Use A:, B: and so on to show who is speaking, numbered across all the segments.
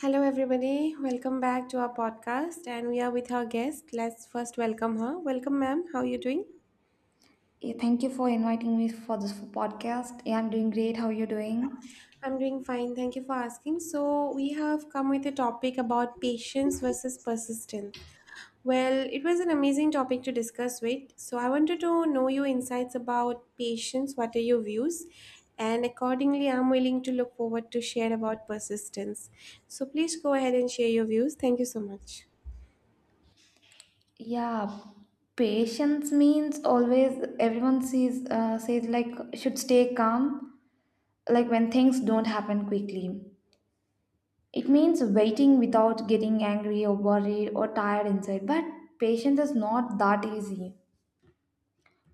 A: Hello, everybody. Welcome back to our podcast. And we are with our guest. Let's first welcome her. Welcome, ma'am. How are you doing?
B: Yeah, thank you for inviting me for this podcast. Yeah, I'm doing great. How are you doing?
A: I'm doing fine. Thank you for asking. So, we have come with a topic about patience versus persistence. Well, it was an amazing topic to discuss with. So, I wanted to know your insights about patience. What are your views? And accordingly, I'm willing to look forward to share about persistence. So, please go ahead and share your views. Thank you so much.
B: Yeah, patience means always everyone sees says like should stay calm like when things don't happen quickly. It means waiting without getting angry or worried or tired inside. But patience is not that easy.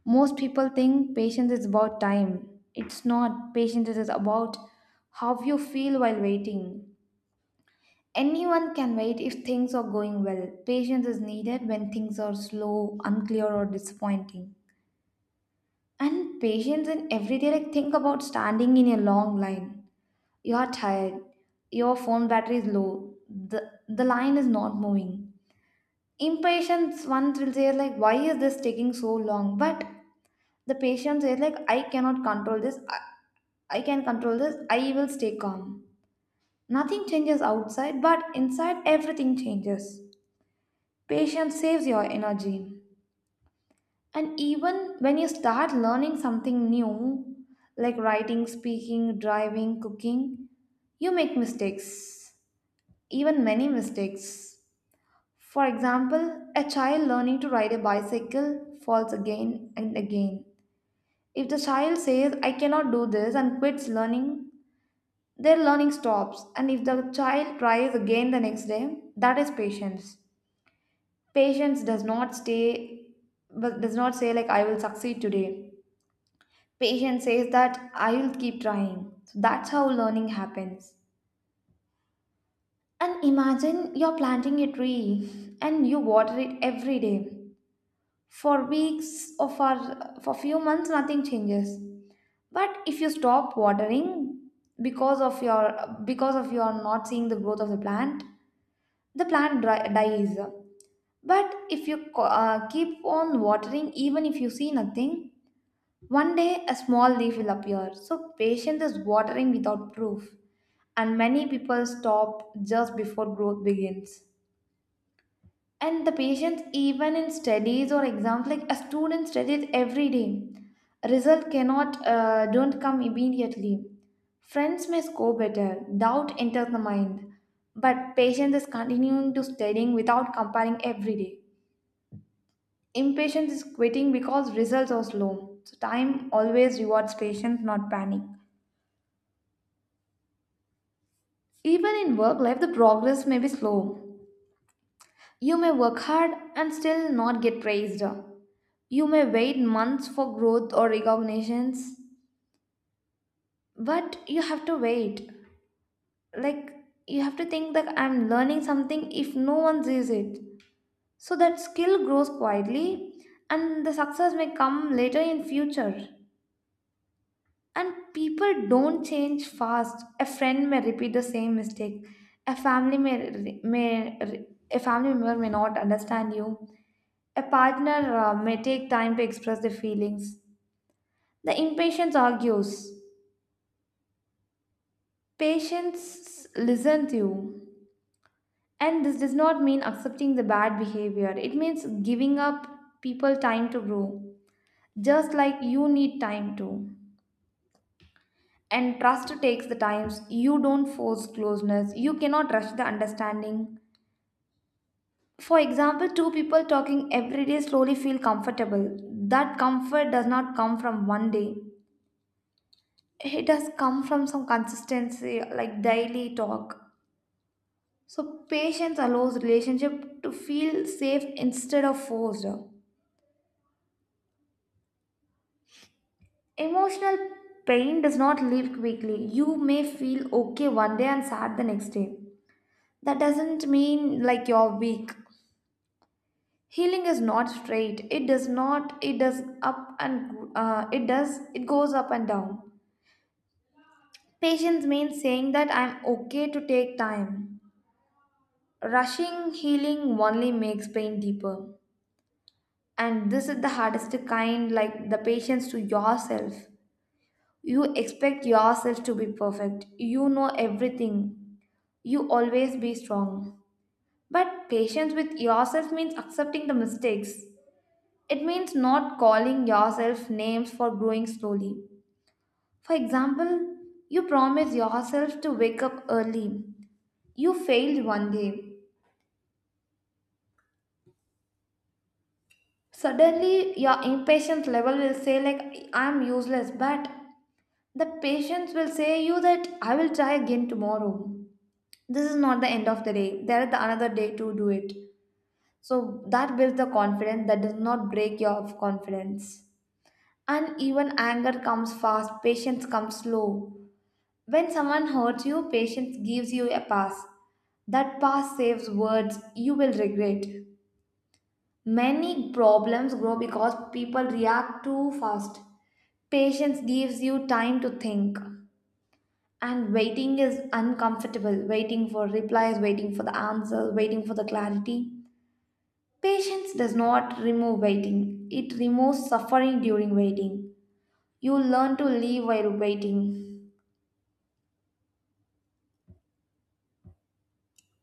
B: Most people think patience is about time. It's not. Patience is about how you feel while waiting. Anyone can wait if things are going well. Patience is needed when things are slow, unclear, or disappointing. And patience in everyday, like think about standing in a long line. You are tired, your phone battery is low, the line is not moving. Impatience, one will say, like, why is this taking so long? But the patient says, like, I cannot control this, I can control this, I will stay calm. Nothing changes outside, but inside, everything changes. Patience saves your energy. And even when you start learning something new, like writing, speaking, driving, cooking, you make mistakes, even many mistakes. For example, a child learning to ride a bicycle falls again and again. If the child says, I cannot do this, and quits learning, their learning stops. And if the child tries again the next day, that is patience. Patience does not stay, but does not say like I will succeed today. Patience says that I will keep trying. So that's how learning happens. And imagine you're planting a tree and you water it every day. For weeks or for few months, nothing changes. But if you stop watering because of your because of your not seeing the growth of the plant dies. But if you keep on watering, even if you see nothing, one day a small leaf will appear. So, patience is watering without proof, and many people stop just before growth begins. And the patients, even in studies or exams, like a student studies every day, result cannot don't come immediately. Friends may score better, doubt enters the mind, but patience is continuing to studying without comparing every day. Impatience is quitting because results are slow. So time always rewards patience, not panic. Even in work life the progress may be slow. You may work hard and still not get praised. You may wait months for growth or recognitions, but you have to wait. Like, you have to think that I'm learning something if no one sees it. So that skill grows quietly and the success may come later in future. And people don't change fast. A friend may repeat the same mistake. A family member may not understand you. A partner may take time to express their feelings. The impatience argues. Patience listen to you. And this does not mean accepting the bad behavior. It means giving up people time to grow, just like you need time to. And trust takes the times. You don't force closeness. You cannot rush the understanding. For example, two people talking every day slowly feel comfortable. That comfort does not come from one day. It does come from some consistency, like daily talk. So, patience allows relationship to feel safe instead of forced. Emotional pain does not leave quickly. You may feel okay one day and sad the next day. That doesn't mean like you're weak. Healing is not straight. It does not. It does up and it does. It goes up and down. Patience means saying that I'm okay to take time. Rushing healing only makes pain deeper. And this is the hardest kind, like the patience to yourself. You expect yourself to be perfect, you know everything, you always be strong, but patience with yourself means accepting the mistakes. It means not calling yourself names for growing slowly. For example, you promise yourself to wake up early, you failed one day, suddenly your impatience level will say like I'm useless. But the patients will say you that I will try again tomorrow. This is not the end of the day. There is the another day to do it. So that builds the confidence, that does not break your confidence. And even anger comes fast, patience comes slow. When someone hurts you, patience gives you a pass. That pass saves words you will regret. Many problems grow because people react too fast. Patience gives you time to think. And waiting is uncomfortable. Waiting for replies, waiting for the answers, waiting for the clarity. Patience does not remove waiting, it removes suffering during waiting. You learn to live while waiting.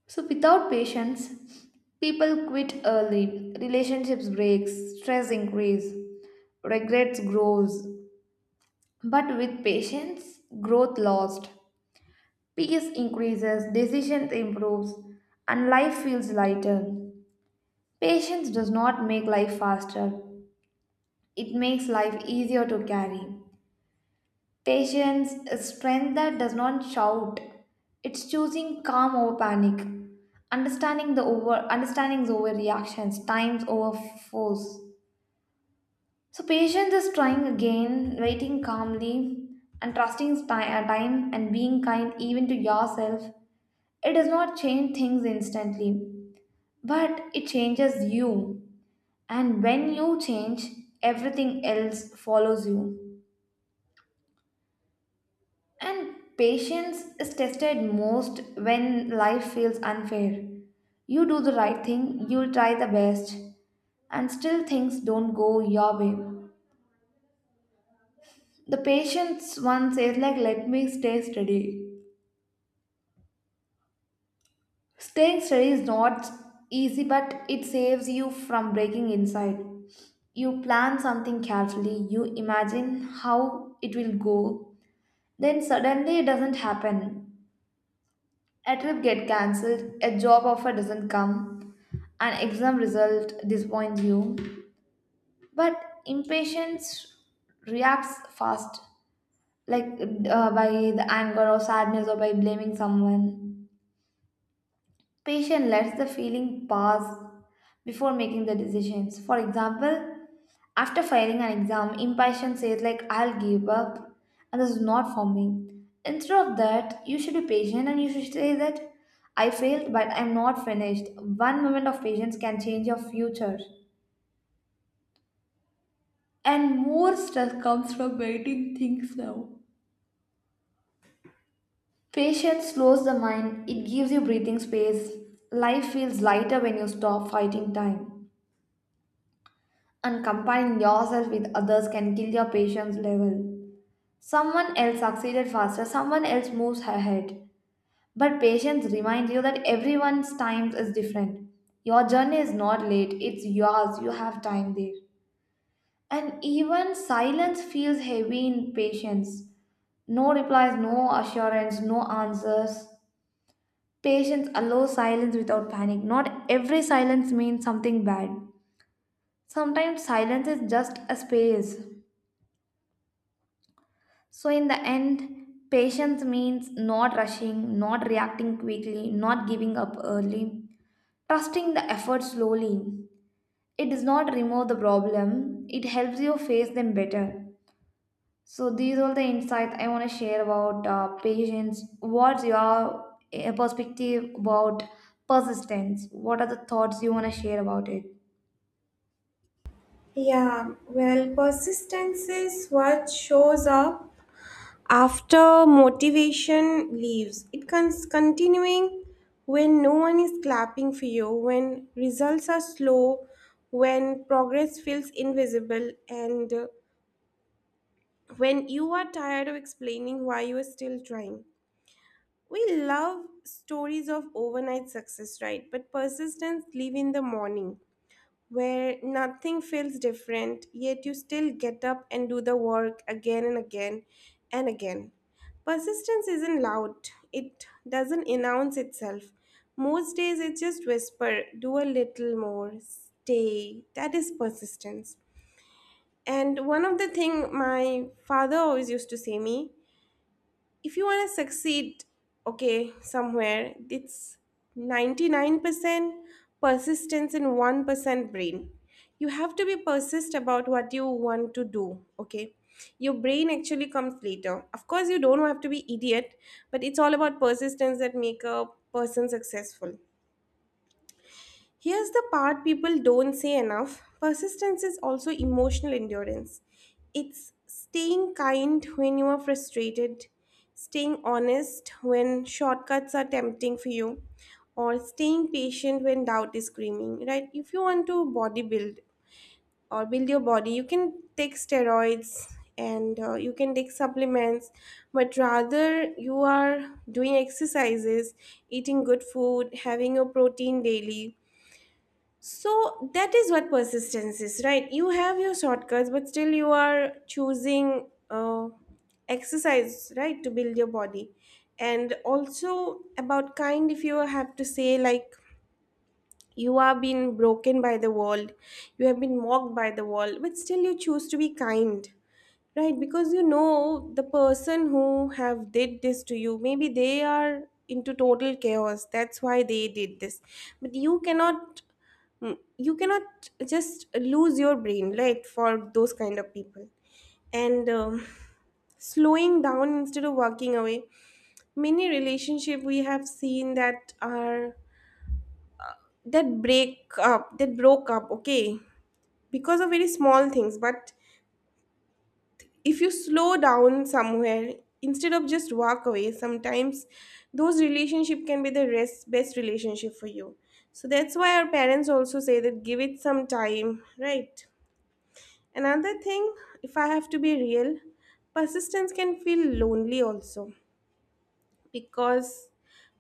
B: So, without patience, people quit early, relationships break, stress increase, regrets grows. But with patience, growth lost, peace increases, decisions improves, and life feels lighter. Patience does not make life faster, it makes life easier to carry. Patience is strength that does not shout. It's choosing calm over panic, understanding the over understandings over reactions, times over force. So patience is trying again, waiting calmly, and trusting time, and being kind even to yourself. It does not change things instantly, but it changes you. And when you change, everything else follows you. And patience is tested most when life feels unfair. You do the right thing, you try the best, and still things don't go your way. The patience one says like let me stay steady. Staying steady is not easy, but it saves you from breaking inside. You plan something carefully, you imagine how it will go. Then suddenly it doesn't happen. A trip get cancelled, a job offer doesn't come, an exam result disappoints you. But impatience reacts fast, like by the anger or sadness or by blaming someone. Patient lets the feeling pass before making the decisions. For example, after failing an exam, impatient says like I'll give up and this is not for me. Instead of that, you should be patient and you should say that I failed but I'm not finished. One moment of patience can change your future. And more stress comes from waiting things now. Patience slows the mind, it gives you breathing space. Life feels lighter when you stop fighting time. And comparing yourself with others can kill your patience level. Someone else succeeded faster, someone else moves ahead. But patience reminds you that everyone's time is different. Your journey is not late, it's yours, you have time there. And even silence feels heavy in patience. No replies, no assurance, no answers. Patience allows silence without panic. Not every silence means something bad. Sometimes silence is just a space. So, in the end, patience means not rushing, not reacting quickly, not giving up early, trusting the effort slowly. It does not remove the problem, it helps you face them better. So, these are the insights I want to share about patience. What's your perspective about persistence? What are the thoughts you want to share about it?
A: Yeah, well, persistence is what shows up after motivation leaves. Continuing when no one is clapping for you, when results are slow, when progress feels invisible, and when you are tired of explaining why you are still trying. We love stories of overnight success, right? But persistence live in the morning, where nothing feels different, yet you still get up and do the work again and again and again. Persistence isn't loud, it doesn't announce itself. Most days it just whisper, do a little more, stay. That is persistence. And one of the thing my father always used to say me, if you want to succeed, okay, somewhere it's 99% persistence and 1% brain. You have to be persist about what you want to do, okay? Your brain actually comes later. Of course, you don't have to be idiot, but it's all about persistence that make a person successful. Here's the part people don't say enough, persistence is also emotional endurance. It's staying kind when you are frustrated, staying honest when shortcuts are tempting for you, or staying patient when doubt is screaming, right? If you want to bodybuild or build your body, you can take steroids and you can take supplements, but rather you are doing exercises, eating good food, having your protein daily, so that is what persistence is, right? You have your shortcuts, but still you are choosing exercise, right, to build your body. And also about kind, if you have to say, like, you are being broken by the world, you have been mocked by the world, but still you choose to be kind. Right, because you know the person who have did this to you, maybe they are into total chaos. That's why they did this. But you cannot, you cannot just lose your brain, right, for those kind of people. And slowing down instead of walking away. Many relationship we have seen that are that broke up, okay, because of very small things, but if you slow down somewhere instead of just walk away sometimes, those relationship can be best relationship for you. So that's why our parents also say that give it some time, right? Another thing, if I have to be real, persistence can feel lonely also, because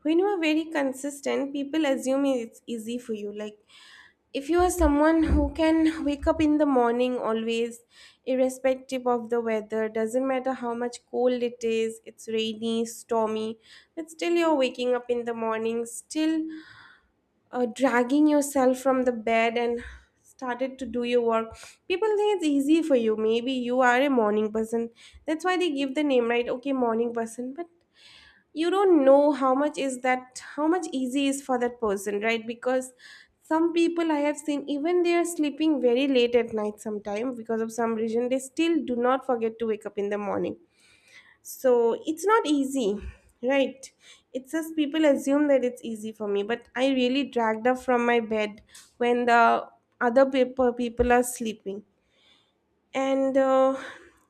A: when you are very consistent, people assume it's easy for you. Like, if you are someone who can wake up in the morning always, irrespective of the weather, doesn't matter how much cold it is, it's rainy, stormy, but still you're waking up in the morning, still dragging yourself from the bed and started to do your work, people think it's easy for you. Maybe you are a morning person, that's why they give the name, right? Okay, morning person, but you don't know how much is that, how much easy is for that person, right? Because some people I have seen, even they are sleeping very late at night sometime because of some reason, they still do not forget to wake up in the morning. So it's not easy, right? It's just people assume that it's easy for me, but I really dragged up from my bed when the other people are sleeping. And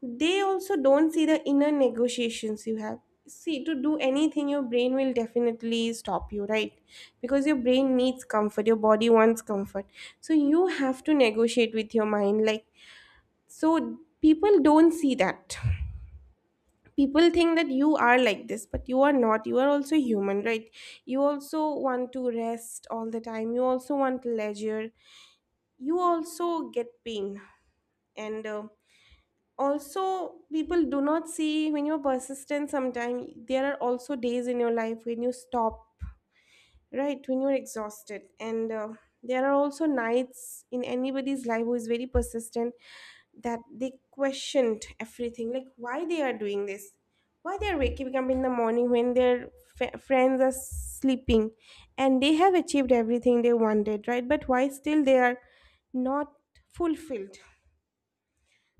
A: they also don't see the inner negotiations you have. See, to do anything, your brain will definitely stop you, right? Because your brain needs comfort, your body wants comfort, so you have to negotiate with your mind, like, so people don't see that. People think that you are like this, but you are not, you are also human, right? You also want to rest all the time, you also want leisure, you also get pain. And also people do not see, when you're persistent, sometimes there are also days in your life when you stop, right, when you're exhausted. And there are also nights in anybody's life who is very persistent, that they questioned everything, like why they are doing this, why they are waking up in the morning when their friends are sleeping, and they have achieved everything they wanted, right, but why still they are not fulfilled.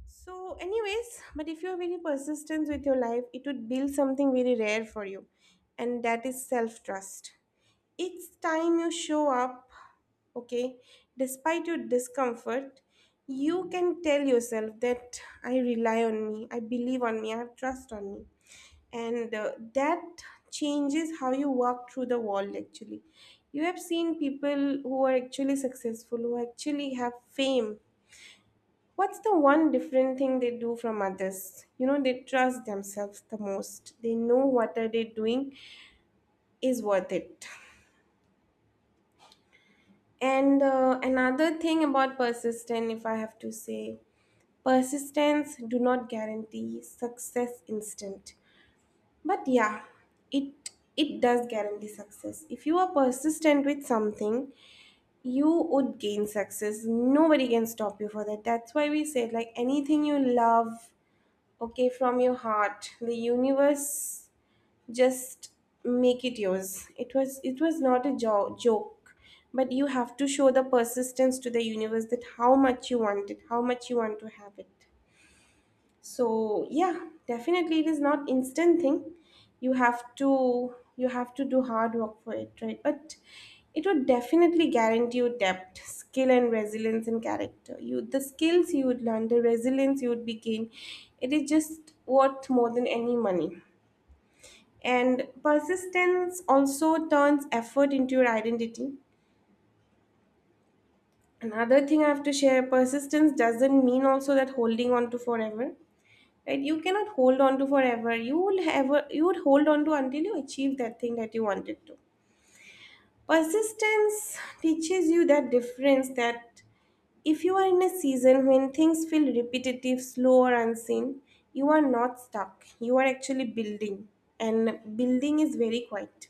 A: So, anyways, but if you are very persistent with your life, it would build something very rare for you, and that is self trust. Each time you show up, okay, despite your discomfort, you can tell yourself that I rely on me, I believe on me, I have trust on me. And that changes how you walk through the world actually. You have seen people who are actually successful, who actually have fame. What's the one different thing they do from others? You know, they trust themselves the most. They know what are they doing is worth it. And another thing about persistence, if I have to say, persistence do not guarantee success instant. But yeah, it it does guarantee success. If you are persistent with something, you would gain success. Nobody can stop you for that. That's why we said, like, anything you love, okay, from your heart, the universe just make it yours. It was not a joke, but you have to show the persistence to the universe, that how much you want it, how much you want to have it. So yeah, definitely it is not instant thing. You have to do hard work for it, right, but it would definitely guarantee you depth skill and resilience and character. You, the skills you would learn, the resilience you would be gain, it is just worth more than any money. And persistence also turns effort into your identity. Another thing I have to share, persistence doesn't mean also that holding on to forever. Right, you cannot hold on to forever, you will ever, you would hold on to until you achieve that thing that you wanted to. Persistence teaches you that difference, that if you are in a season when things feel repetitive, slow or unseen, you are not stuck, you are actually building, and building is very quiet.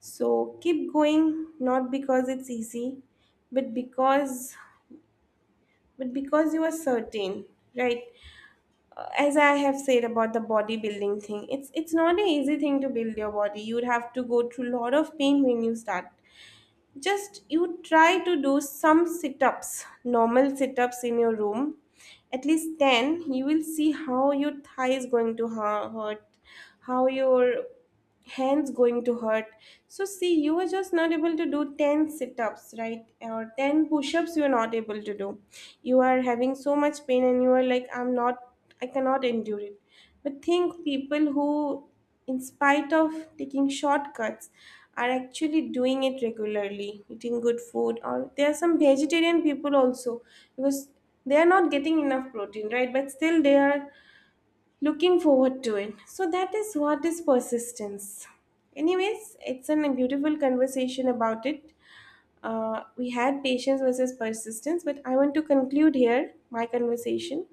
A: So keep going, not because it's easy, but because, but because you are certain, right? As I have said about the bodybuilding thing, it's not an easy thing to build your body. You'd have to go through a lot of pain when you start. Just you try to do some sit-ups, normal sit-ups in your room, at least 10, you will see how your thigh is going to hurt, how your hands going to hurt. So see, you were just not able to do 10 sit-ups, right, or 10 push-ups you are not able to do. You are having so much pain and you are like, I'm not, I cannot endure it. But think people who, in spite of taking shortcuts, are actually doing it regularly, eating good food, or there are some vegetarian people also, because they are not getting enough protein, right, but still they are looking forward to it. So that is what is persistence. Anyways, it's a beautiful conversation about it. We had patience versus persistence, but I want to conclude here my conversation,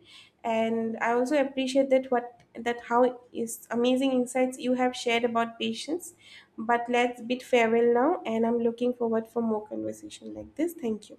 A: and I also appreciate that what that how is amazing insights you have shared about patience. But let's bid farewell now, and I'm looking forward for more conversation like this. Thank you.